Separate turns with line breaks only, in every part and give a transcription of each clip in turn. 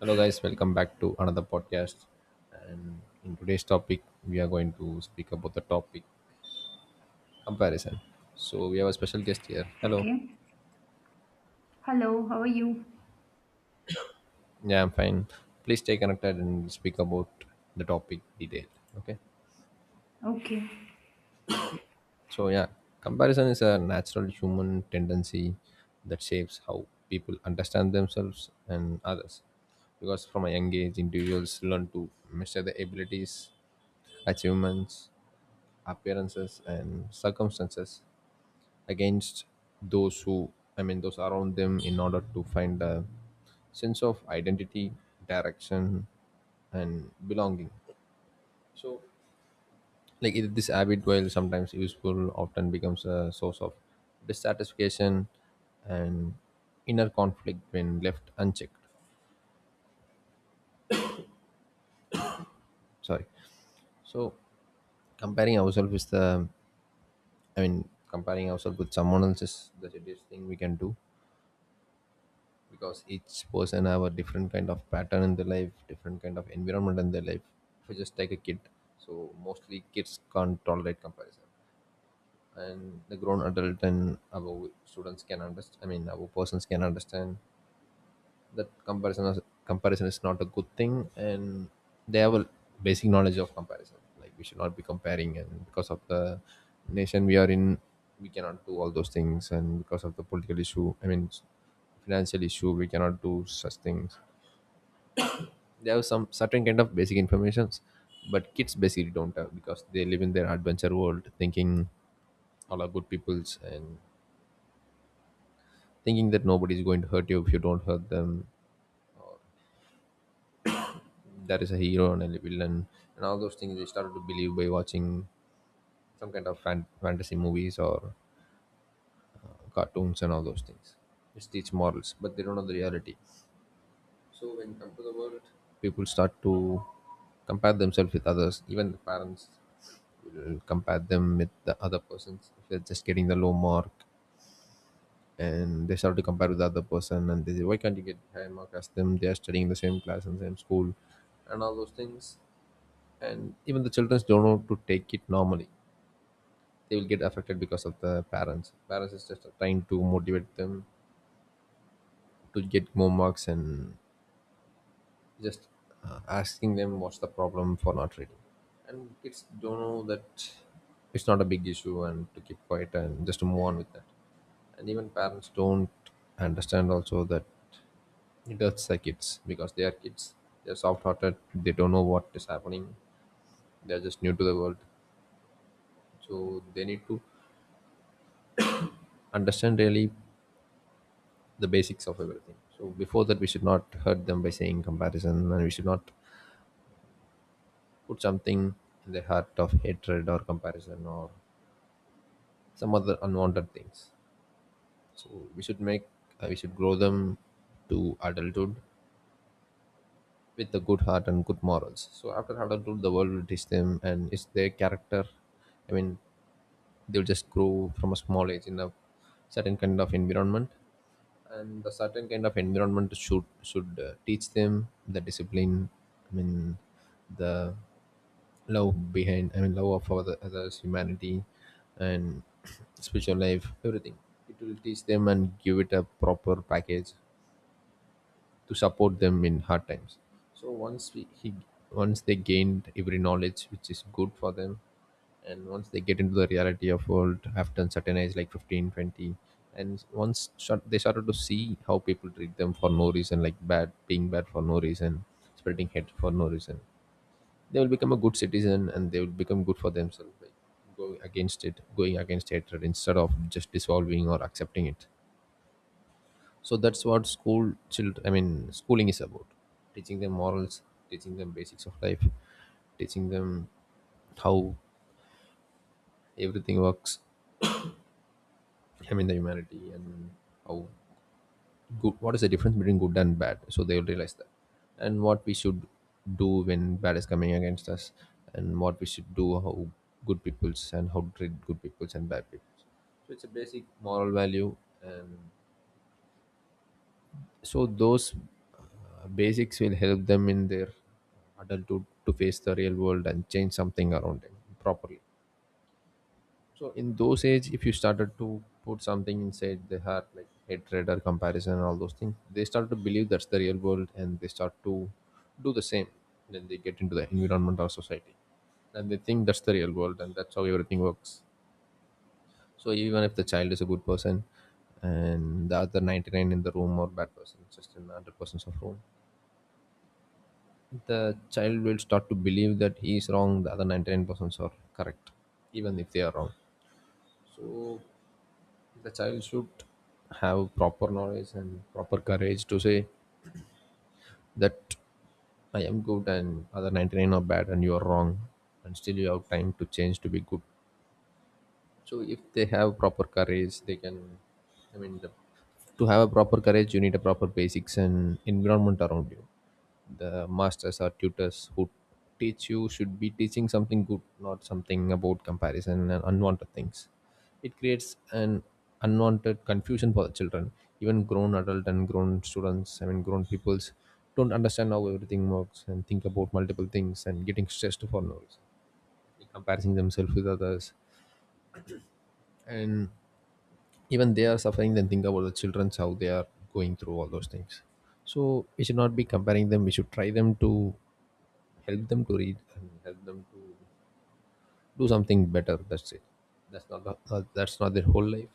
Hello, guys. Welcome back to another podcast. And in today's topic, we are going to speak about the topic comparison. So we have a special guest here. Hello.
Okay. Hello, how are you?
Yeah, I'm fine. Please stay connected and speak about the topic detail. Okay.
Okay.
So yeah, comparison is a natural human tendency that shapes how people understand themselves and others. Because from a young age, individuals learn to measure their abilities achievements, appearances, and circumstances against those who I mean those around them in order to find a sense of identity direction and belonging. So like it, this habit, while sometimes useful, often becomes a source of dissatisfaction and inner conflict when left unchecked. Sorry. So comparing ourselves with the comparing ourselves with someone else is the dirtiest thing we can do, because each person have a different kind of pattern in their life, different kind of environment in their life. If you just take a kid, so mostly kids can't tolerate comparison, and the grown adult and our persons can understand that comparison is not a good thing, and they have a basic knowledge of comparison, like we should not be comparing. And because of the nation we are in, we cannot do all those things, and because of the political issue I mean financial issue, we cannot do such things. They have some certain kind of basic informations, but kids basically don't have, because they live in their adventure world, thinking all are good peoples and thinking that nobody is going to hurt you if you don't hurt them. There is a hero and a villain, and all those things we started to believe by watching some kind of fantasy movies or cartoons and all those things which teach morals, but they don't know the reality. So when you come to the world, people start to compare themselves with others. Even the parents will compare them with the other persons if they're just getting the low mark, and they start to compare with the other person and they say, why can't you get high mark as them? They are studying in the same class and same school, and all those things. And even the children don't know to take it normally. They will get affected because of the parents. Parents is just trying to motivate them to get more marks and just asking them what's the problem for not reading. And kids don't know that it's not a big issue and to keep quiet and just to move on with that. And even parents don't understand also that it hurts the kids, because they are kids, they're soft-hearted, they don't know what is happening, they're just new to the world. So they need to understand really the basics of everything. So before that, we should not hurt them by saying comparison, and we should not put something in the heart of hatred or comparison or some other unwanted things. So we should make we should grow them to adulthood with a good heart and good morals. So after adulthood, the world will teach them, and it's their character. I mean, they'll just grow from a small age in a certain kind of environment, and the certain kind of environment should teach them the discipline, I mean the love behind I mean love of others humanity and spiritual life, everything. It will teach them and give it a proper package to support them in hard times. So once we he once they gained every knowledge which is good for them, and once they get into the reality of world after a certain age, like 15, 20, and they started to see how people treat them for no reason, like bad being bad for no reason, spreading hate for no reason, they will become a good citizen, and they will become good for themselves by going against it, going against hatred, instead of just dissolving or accepting it. So that's what school child I mean schooling is about: teaching them morals, teaching them basics of life, teaching them how everything works, I mean the humanity, and how good what is the difference between good and bad, so they will realize that, and what we should do when bad is coming against us, and what we should do, how good peoples and how to treat good peoples and bad peoples. So it's a basic moral value. And so those basics will help them in their adulthood to face the real world and change something around them properly. So in those age, if you started to put something inside their heart like hatred or comparison and all those things, they start to believe that's the real world, and they start to do the same. Then they get into the environment or society, and they think that's the real world and that's how everything works. So even if the child is a good person and the other 99 in the room are bad person, just in the 100 persons of room, the child will start to believe that he is wrong, the other 99% are correct, even if they are wrong. So the child should have proper knowledge and proper courage to say that I am good and other 99 are bad and you are wrong, and still you have time to change to be good. So if they have proper courage, they can, i mean the, to have a proper courage, you need a proper basics and environment around you. The masters or tutors who teach you should be teaching something good, not something about comparison and unwanted things. It creates an unwanted confusion for the children. Even grown adult and grown students I mean grown peoples don't understand how everything works and think about multiple things and getting stressed for no reason, comparing themselves with others. And even they are suffering, then think about the children's, how they are going through all those things. So we should not be comparing them. We should try them to help them to read and help them to do something better, that's it. That's not that's not their whole life.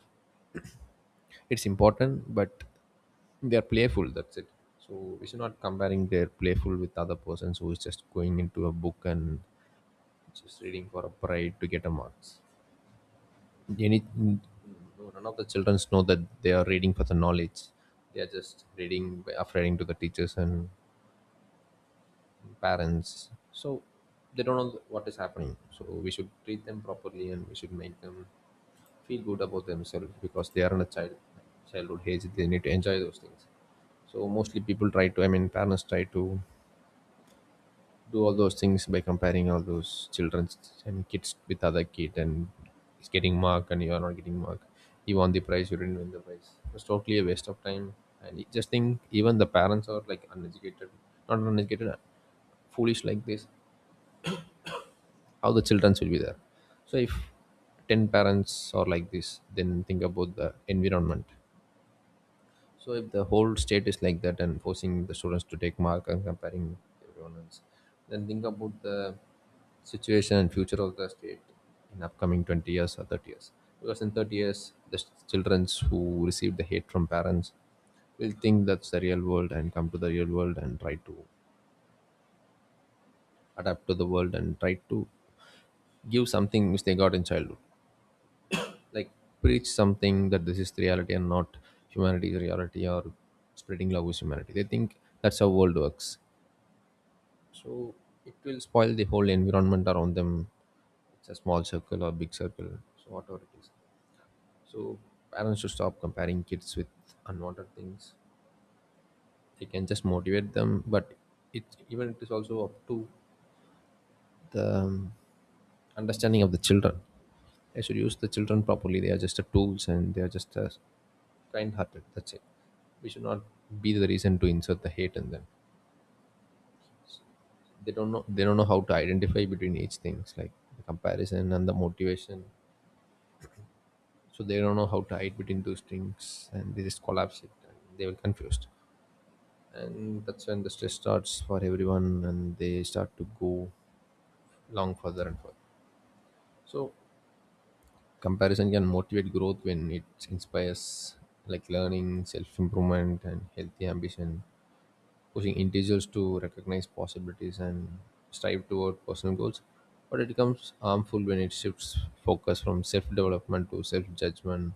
It's important, but they are playful, that's it. So we should not comparing their playful with other persons who is just going into a book and just reading for a pride to get a marks. Any no, None of the children know that they are reading for the knowledge. They are just reading by reading to the teachers and parents. So they don't know what is happening, so we should treat them properly, and we should make them feel good about themselves, because they are in a childhood age, they need to enjoy those things. So mostly people try to I mean parents try to do all those things by comparing all those children's, I mean kids, with other kid, and he's getting mark and you are not getting mark. He won the prize, you didn't win the prize. It totally a waste of time. And you just think, even the parents are like uneducated, not uneducated, foolish like this. How the children will be there. So if ten parents are like this, then think about the environment. So if the whole state is like that and forcing the students to take mark and comparing everyone else, then think about the situation and future of the state in upcoming 20 years or 30 years. Because in 30 years, the children who receive the hate from parents will think that's the real world and come to the real world and try to adapt to the world and try to give something which they got in childhood. Like preach something that this is the reality and not humanity's reality or spreading love with humanity. They think that's how world works. So it will spoil the whole environment around them. It's a small circle or big circle, so whatever it is. So parents should stop comparing kids with unwanted things. They can just motivate them, but it it is also up to the understanding of the children. They should use the children properly. They are just a tools and they are just a kind-hearted, that's it. We should not be the reason to insert the hate in them. They don't know, they don't know how to identify between each things like the comparison and the motivation. So they don't know how to hide between those things, and they just collapse it and they were confused. And that's when the stress starts for everyone, and they start to go long, further and further. So comparison can motivate growth when it inspires, like learning, self-improvement and healthy ambition, pushing individuals to recognize possibilities and strive toward personal goals. But it becomes harmful when it shifts focus from self development to self judgment,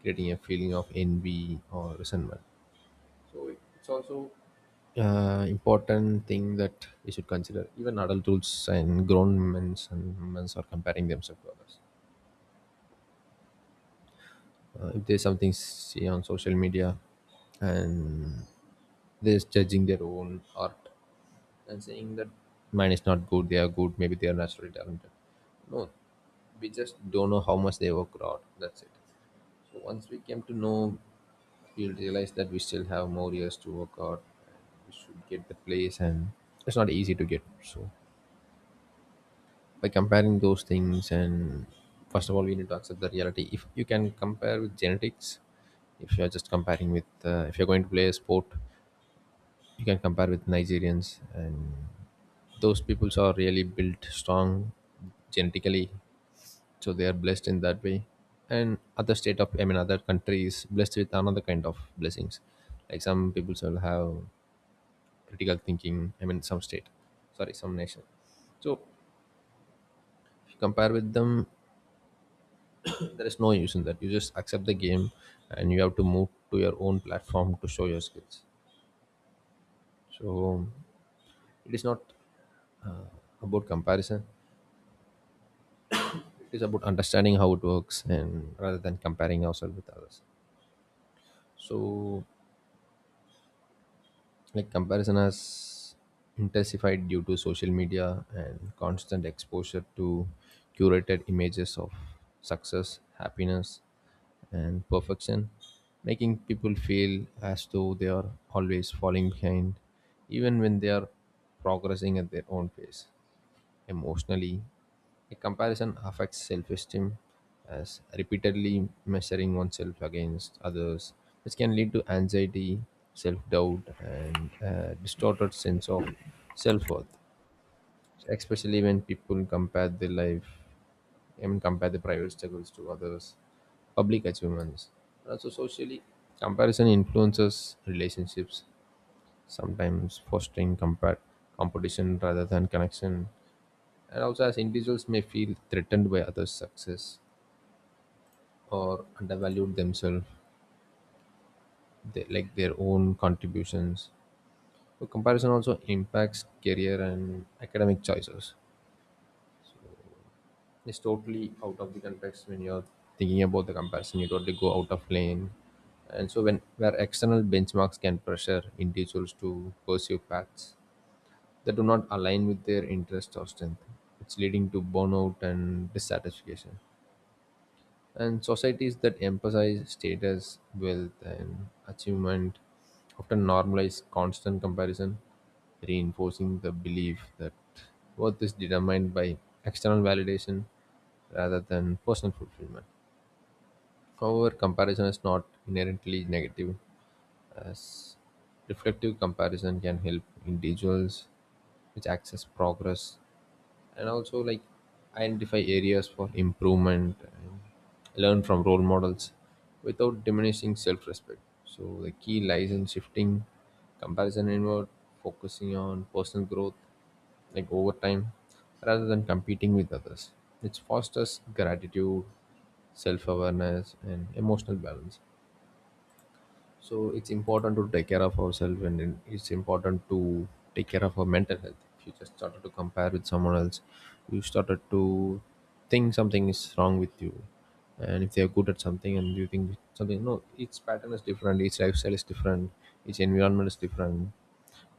creating a feeling of envy or resentment. So it's also important thing that we should consider. Even adults and grown men and women are comparing themselves to others. If there's something see on social media, and they're judging their own art and saying that mine is not good, they are good, maybe they are naturally talented. No, we just don't know how much they work out. That's it. So once we came to know, we realized that we still have more years to work out. We should get the place, and it's not easy to get. So by comparing those things, and first of all, we need to accept the reality. If you can compare with genetics, if you are just comparing with, if you are going to play a sport, you can compare with Nigerians, and those peoples are really built strong genetically, so they are blessed in that way. And other state of, I mean, other country is blessed with another kind of blessings. Like some peoples will have critical thinking. I mean, some state, sorry, some nation. So if you compare with them, there is no use in that. You just accept the game, and you have to move to your own platform to show your skills. So it is not about comparison. It is about understanding how it works and rather than comparing ourselves with others. So like comparison has intensified due to social media and constant exposure to curated images of success, happiness, and perfection, making people feel as though they are always falling behind even when they are progressing at their own pace. Emotionally, a comparison affects self esteem as repeatedly measuring oneself against others, which can lead to anxiety, self doubt, and a distorted sense of self worth, especially when people compare their life, I mean, compare the private struggles to others, public achievements. And also, socially, comparison influences relationships, sometimes fostering compare, competition rather than connection, and also, as individuals may feel threatened by others' success or undervalued themselves, they, like their own contributions. So, comparison also impacts career and academic choices. It's totally out of the context when you're thinking about the comparison, you totally go out of lane. And so, when where external benchmarks can pressure individuals to pursue paths that do not align with their interests or strength, it's leading to burnout and dissatisfaction. And societies that emphasize status, wealth, and achievement often normalize constant comparison, reinforcing the belief that worth is determined by external validation rather than personal fulfillment. However, comparison is not inherently negative, as reflective comparison can help individuals which access progress and also like identify areas for improvement and learn from role models without diminishing self-respect. So the key lies in shifting comparison inward, focusing on personal growth, like over time, rather than competing with others, which fosters gratitude, self-awareness, and emotional balance. So it's important to take care of ourselves, and then it's important to take care of our mental health. If you just started to compare with someone else, you started to think something is wrong with you. And if they are good at something and you think something, no, each pattern is different, each lifestyle is different, each environment is different.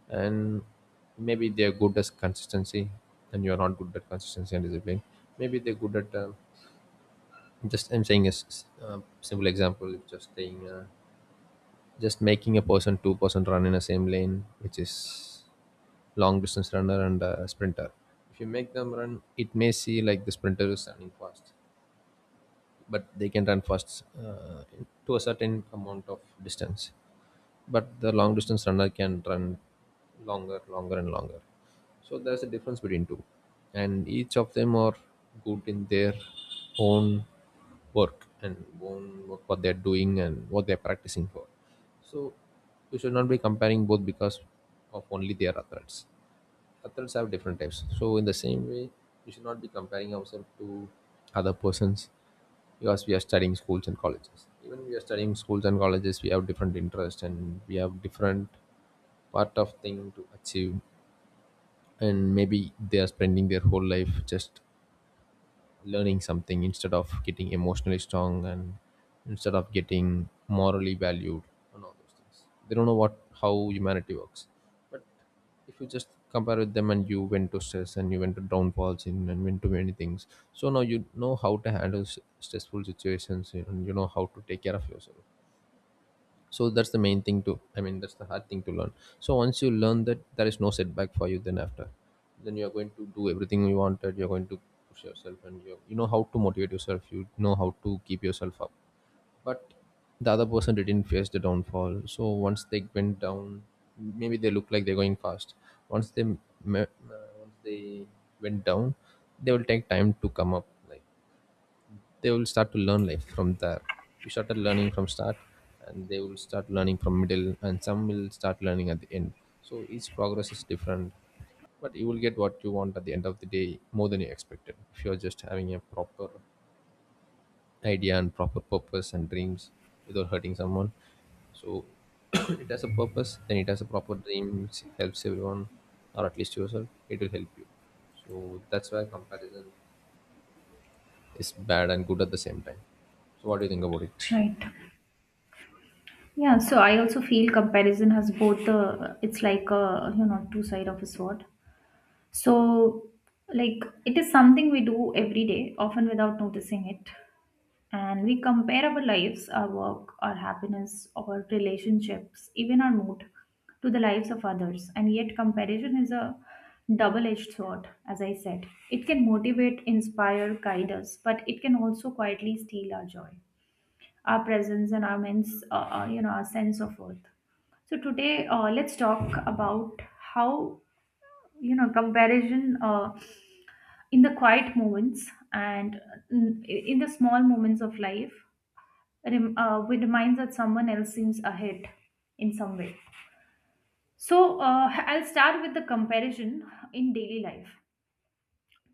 And maybe they are good at consistency and you are not good at consistency and discipline. Maybe they're good at, just I'm saying a simple example, just staying. Just making a person two-person run in the same lane, which is long distance runner and a sprinter. If you make them run it may see like the sprinter is running fast, but they can run fast to a certain amount of distance, but the long distance runner can run longer, longer, and longer. So there's a difference between two, and each of them are good in their own work and own work what they're doing and what they're practicing for. So you should not be comparing both because of only their athletes. Athletes have different types. So in the same way, you should not be comparing ourselves to other persons because we are studying schools and colleges. Even we are studying schools and colleges, we have different interests and we have different part of thing to achieve, and maybe they are spending their whole life just learning something instead of getting emotionally strong and instead of getting morally valued, and all those things they don't know what how humanity works. But if you just compare with them and you went to stress and you went to downfalls and went to many things, so now you know how to handle stressful situations and you know how to take care of yourself. So that's the main thing to, I mean, that's the hard thing to learn. So once you learn that there is no setback for you then after, then you are going to do everything you wanted, you're going to push yourself and you know how to motivate yourself, you know how to keep yourself up. But the other person didn't face the downfall, so once they went down, maybe they look like they're going fast. Once they me- uh, once they went down, they will take time to come up, like they will start to learn life from there. You started learning from start, and they will start learning from middle and some will start learning at the end. So each progress is different. But you will get what you want at the end of the day more than you expected if you're just having a proper idea and proper purpose and dreams without hurting someone. So it has a purpose then it has a proper dream which helps everyone, or at least yourself it will help you. So that's why comparison is bad and good at the same time. So what do you think about it?
Right. Yeah, so I also feel comparison has both the it's like a two side of a sword. So like it is something we do every day, often without noticing it. And we compare our lives, our work, our happiness, our relationships, even our mood to the lives of others. And yet, comparison is a double edged sword, as I said. It can motivate, inspire, guide us, but it can also quietly steal our joy, our presence, and our, men's, you know, our sense of worth. So, today, let's talk about how comparison in the quiet moments and in the small moments of life we reminds that someone else seems ahead in some way. So I'll start with the comparison in daily life.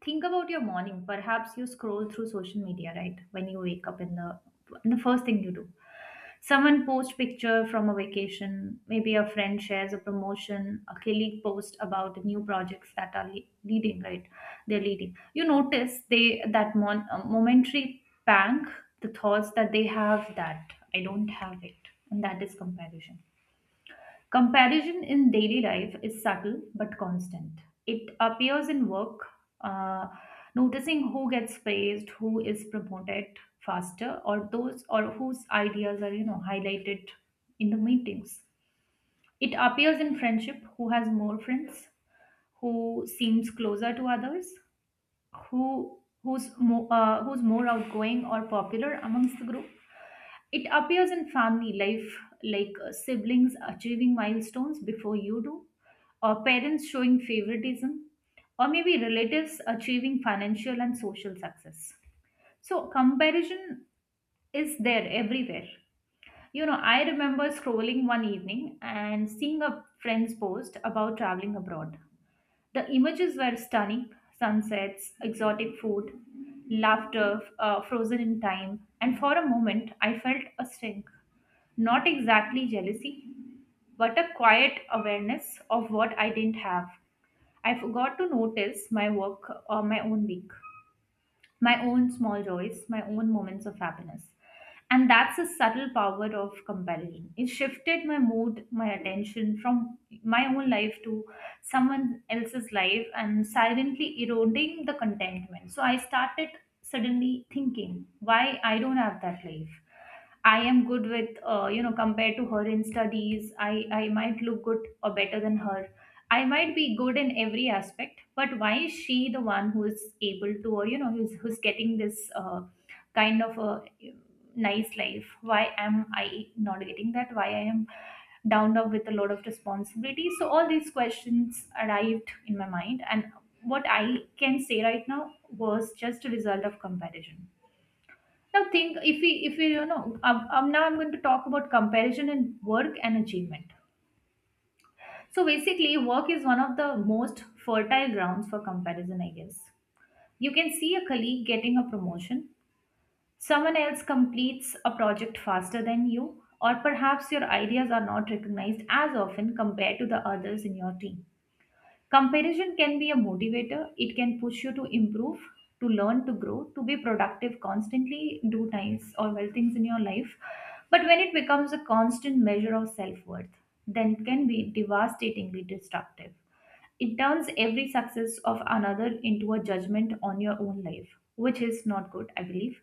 Think about your morning. Perhaps you scroll through social media, right? When you wake up in the first thing you do. Someone posts picture from a vacation, maybe a friend shares a promotion, a colleague posts about the new projects that are le- leading, right? They're leading. You notice they that momentary pang, the thoughts that they have that I don't have it, and that is comparison. Comparison in daily life is subtle but constant. It appears in work, uh, noticing who gets praised, who is promoted faster, or those or whose ideas are highlighted in the meetings. It appears in friendship, who has more friends, who seems closer to others, who's more outgoing or popular amongst the group. It appears in family life like siblings achieving milestones before you do, or parents showing favoritism, or maybe relatives achieving financial and social success. So, comparison is there everywhere. You know, I remember scrolling one evening and seeing a friend's post about traveling abroad. The images were stunning sunsets, exotic food, laughter frozen in time, and for a moment I felt a sting. Not exactly jealousy, but a quiet awareness of what I didn't have. I forgot to notice my work or my own week, my own small joys, my own moments of happiness. And that's the subtle power of comparison. It shifted my mood, my attention from my own life to someone else's life and silently eroding the contentment. So I started suddenly thinking why I don't have that life. I am good with, compared to her in studies, I might look good or better than her. I might be good in every aspect, but why is she the one who is able to, or who's getting this kind of a nice life? Why am I not getting that? Why I am downed up with a lot of responsibility? So all these questions arrived in my mind, and what I can say right now was just a result of comparison. Now think if we you know now I'm going to talk about comparison in work and achievement. So basically, work is one of the most fertile grounds for comparison, I guess. You can see a colleague getting a promotion, someone else completes a project faster than you, or perhaps your ideas are not recognized as often compared to the others in your team. Comparison can be a motivator. It can push you to improve, to learn, to grow, to be productive, constantly do nice or well things in your life. But when it becomes a constant measure of self worth, then it can be devastatingly destructive. It turns every success of another into a judgment on your own life, which is not good, I believe.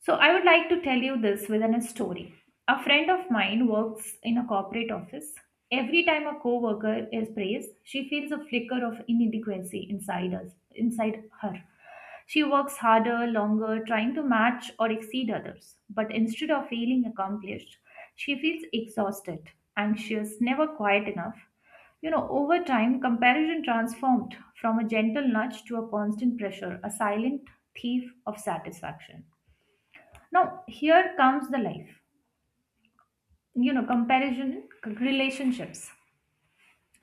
So, I would like to tell you this within a story. A friend of mine works in a corporate office. Every time a co-worker is praised, she feels a flicker of inside her. She works harder, longer, trying to match or exceed others. But instead of feeling accomplished, she feels exhausted, anxious, never quiet enough. You know, over time, comparison transformed from a gentle nudge to a constant pressure, a silent thief of satisfaction. Now, here comes the life. You know, comparison, relationships.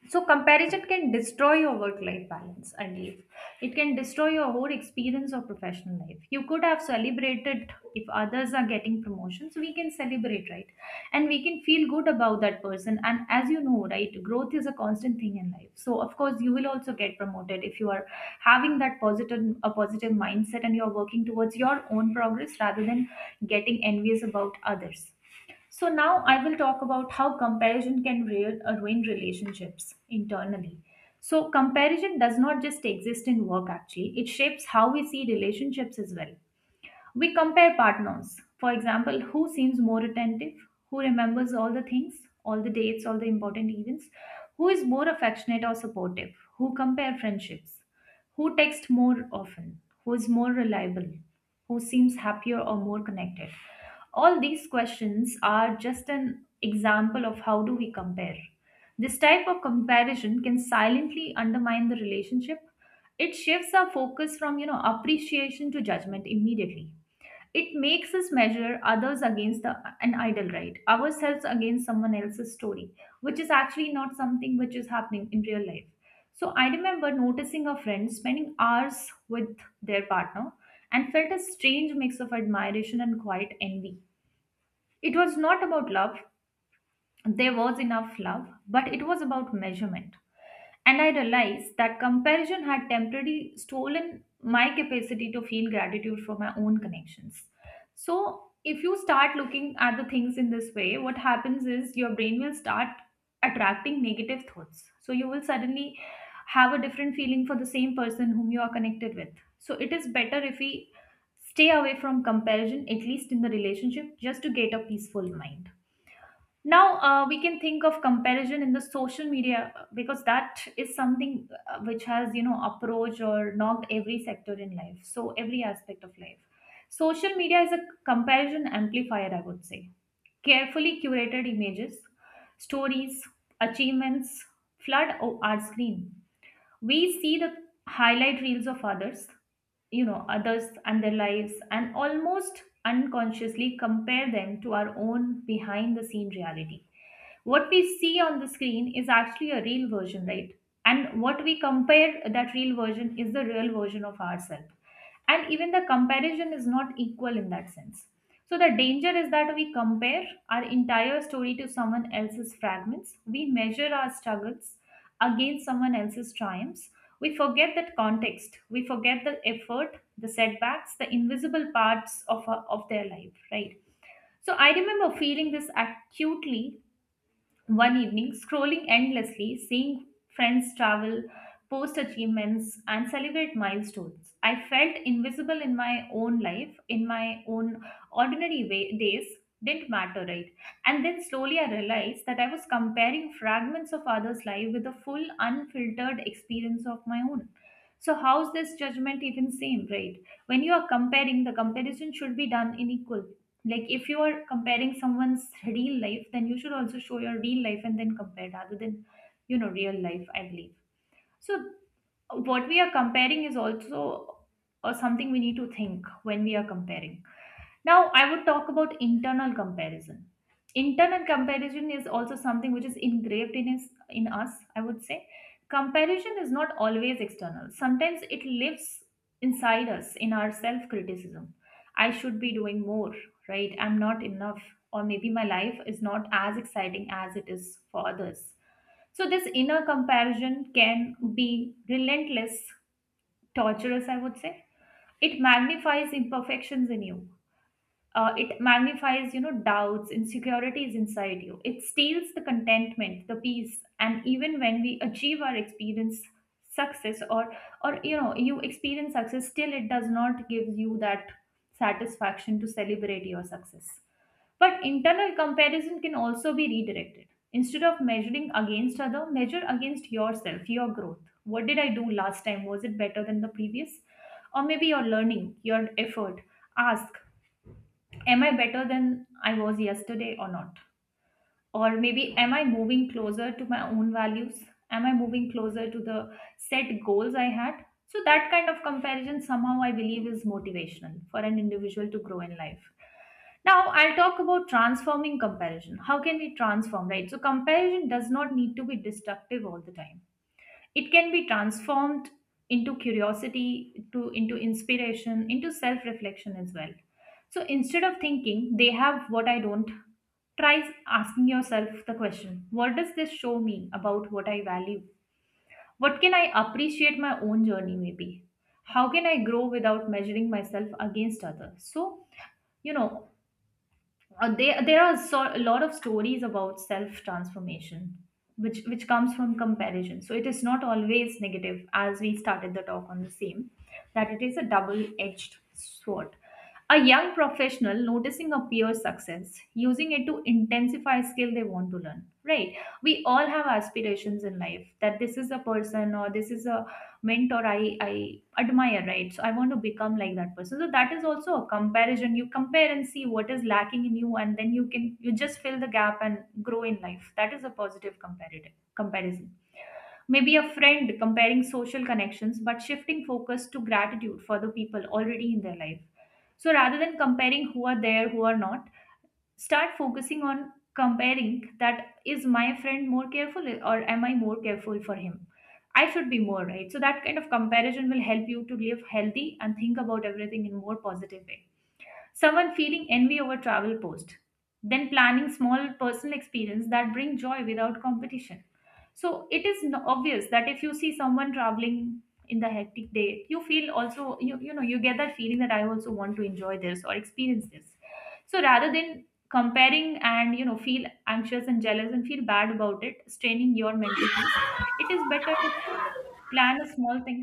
So, comparison can destroy your work life balance, I believe. It can destroy your whole experience of professional life. You could have celebrated if others are getting promotions, we can celebrate, right? And we can feel good about that person. And as you know, right, growth is a constant thing in life. So, of course, you will also get promoted if you are a positive mindset and you're working towards your own progress rather than getting envious about others. So now I will talk about how comparison can ruin relationships internally. So comparison does not just exist in work actually, it shapes how we see relationships as well. We compare partners. For example, who seems more attentive, who remembers all the things, all the dates, all the important events, who is more affectionate or supportive, who compare friendships, who texts more often, who is more reliable, who seems happier or more connected. All these questions are just an example of how do we compare. This type of comparison can silently undermine the relationship. It shifts our focus from, you know, appreciation to judgment immediately. It makes us measure others against an idol, right? Ourselves against someone else's story, which is actually not something which is happening in real life. So I remember noticing a friend spending hours with their partner and felt a strange mix of admiration and quiet envy. It was not about love, there was enough love, but it was about measurement. And I realized that comparison had temporarily stolen my capacity to feel gratitude for my own connections. So, if you start looking at the things in this way, what happens is your brain will start attracting negative thoughts. So, you will suddenly have a different feeling for the same person whom you are connected with. So, it is better if we stay away from comparison, at least in the relationship, just to get a peaceful mind. Now we can think of comparison in the social media because that is something which has approached or knocked every sector in life. So every aspect of life. Social media is a comparison amplifier, I would say. Carefully curated images, stories, achievements flood our screen. We see the highlight reels of others, you know, others and their lives, and almost unconsciously compare them to our own behind the scene reality. What we see on the screen is actually a real version, right? And what we compare that real version is the real version of ourselves, and even the comparison is not equal in that sense. So the danger is that we compare our entire story to someone else's fragments. We measure our struggles against someone else's triumphs. We forget that context, we forget the effort, the setbacks, the invisible parts of, our, of their life, right? So I remember feeling this acutely one evening, scrolling endlessly, seeing friends travel, post achievements, and celebrate milestones, I felt invisible in my own life, in my own ordinary way, days. Didn't matter, right? And then slowly I realized that I was comparing fragments of others' life with the full, unfiltered experience of my own. So, how's this judgment even same, right? When you are comparing, the comparison should be done in equal, like if you are comparing someone's real life then you should also show your real life and then compare rather than you know real life I believe. So what we are comparing is also or something we need to think when we are comparing. Now, I would talk about internal comparison. Internal comparison is also something which is engraved I would say. Comparison is not always external. Sometimes it lives inside us in our self criticism. I should be doing more, right? I'm not enough. Or maybe my life is not as exciting as it is for others. So, this inner comparison can be relentless, torturous, I would say. It magnifies imperfections in you. Uh, it magnifies, you know, doubts, insecurities inside you. It steals the contentment, the peace, and even when we achieve our experience success or, you know, you experience success, still it does not give you that satisfaction to celebrate your success. But internal comparison can also be redirected. Instead of measuring against other, measure against yourself, your growth. What did I do last time, was it better than the previous? Or maybe your learning, your effort. Ask, am I better than I was yesterday or not? Or maybe am I moving closer to my own values? Am I moving closer to the set goals I had? So that kind of comparison somehow I believe is motivational for an individual to grow in life. Now I'll talk about transforming comparison. How can we transform, right? So comparison does not need to be destructive all the time, it can be transformed into curiosity, to into inspiration, into self-reflection as well. So instead of thinking they have what I don't, try asking yourself the question, what does this show me about what I value? What can I appreciate my own journey maybe? How can I grow without measuring myself against others? So, you know, there are a lot of stories about self transformation, which comes from comparison. So it is not always negative, as we started the talk on the same, that it is a double edged sword. A young professional noticing a peer's success, using it to intensify skill they want to learn, right? We all have aspirations in life, that this is a person or this is a mentor I admire, right? So I want to become like that person. So that is also a comparison. You compare and see what is lacking in you, and then you just fill the gap and grow in life. That is a positive comparative comparison. Maybe a friend comparing social connections, but shifting focus to gratitude for the people already in their life. So rather than comparing who are there, who are not, start focusing on comparing, that is, my friend more careful, or am I more careful for him? I should be more, right? So that kind of comparison will help you to live healthy and think about everything in more positive way. Someone feeling envy over travel post, then planning small personal experience that bring joy without competition. So it is obvious that if you see someone traveling in the hectic day, you feel also you know you get that feeling that I also want to enjoy this or experience this. So rather than comparing and feel anxious and jealous and feel bad about it, straining your mental peace, it is better to plan a small thing.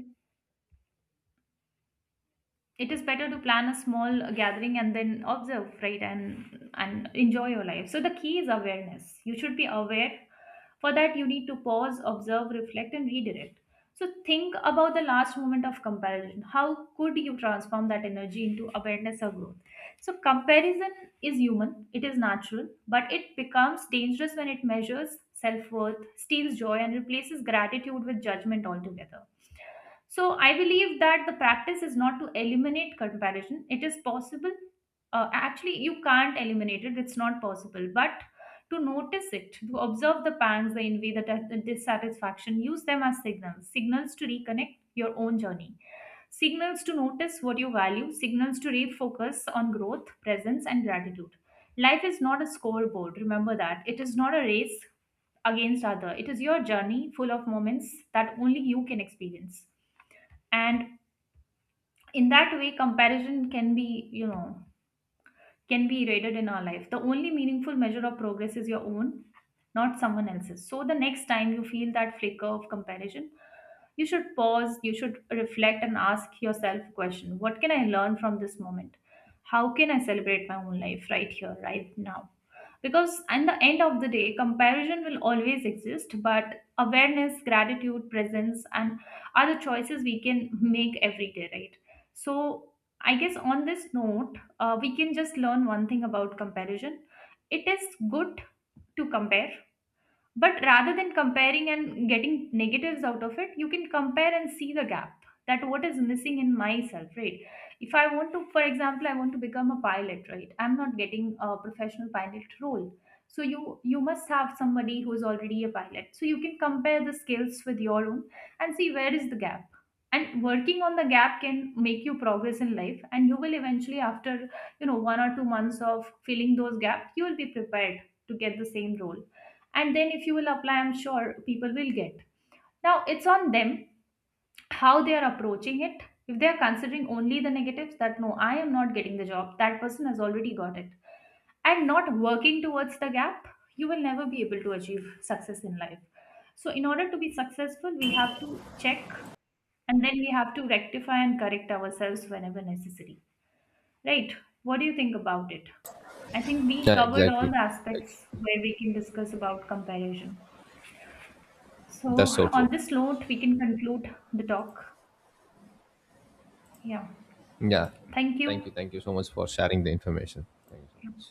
It is better to plan a small gathering and then observe, right, and enjoy your life. So the key is awareness, you should be aware. For that you need to pause, observe, reflect and redirect. So think about the last moment of comparison, how could you transform that energy into awareness or growth? So comparison is human, it is natural, but it becomes dangerous when it measures self-worth, steals joy and replaces gratitude with judgment altogether. So I believe that the practice is not to eliminate comparison. It is possible. Actually, you can't eliminate it. It's not possible. But to notice it, to observe the pangs, the envy, the dissatisfaction, use them as signals. Signals to reconnect your own journey. Signals to notice what you value. Signals to refocus on growth, presence, and gratitude. Life is not a scoreboard. Remember that. It is not a race against other. It is your journey, full of moments that only you can experience. And in that way comparison can be eroded in our life. The only meaningful measure of progress is your own, not someone else's. So the next time you feel that flicker of comparison, you should pause, you should reflect and ask yourself a question, what can I learn from this moment? How can I celebrate my own life, right here, right now? Because at the end of the day, comparison will always exist, but awareness, gratitude, presence and other choices we can make every day, right? So I guess on this note, we can just learn one thing about comparison. It is good to compare, but rather than comparing and getting negatives out of it, you can compare and see the gap, that what is missing in myself, right? If I want to, For example, I want to become a pilot, right? I'm not getting a professional pilot role. So you must have somebody who's already a pilot. So you can compare the skills with your own and see where is the gap. And working on the gap can make you progress in life, and you will eventually, after 1 or 2 months of filling those gaps, you will be prepared to get the same role. And then if you will apply, I'm sure people will get. Now it's on them how they are approaching it. If they are considering only the negatives, that no, I am not getting the job, that person has already got it, and not working towards the gap, you will never be able to achieve success in life. So in order to be successful, we have to check, and then we have to rectify and correct ourselves whenever necessary, right? What do you think about it? I think we
Yeah,
covered all
exactly.
the
Ex-
aspects where we can discuss about comparison. So,
That's so
on
true.
this note, we can conclude the talk. Yeah.
Yeah.
Thank
Thank you.
you.
Thank you so much for sharing the information. Thank you so much.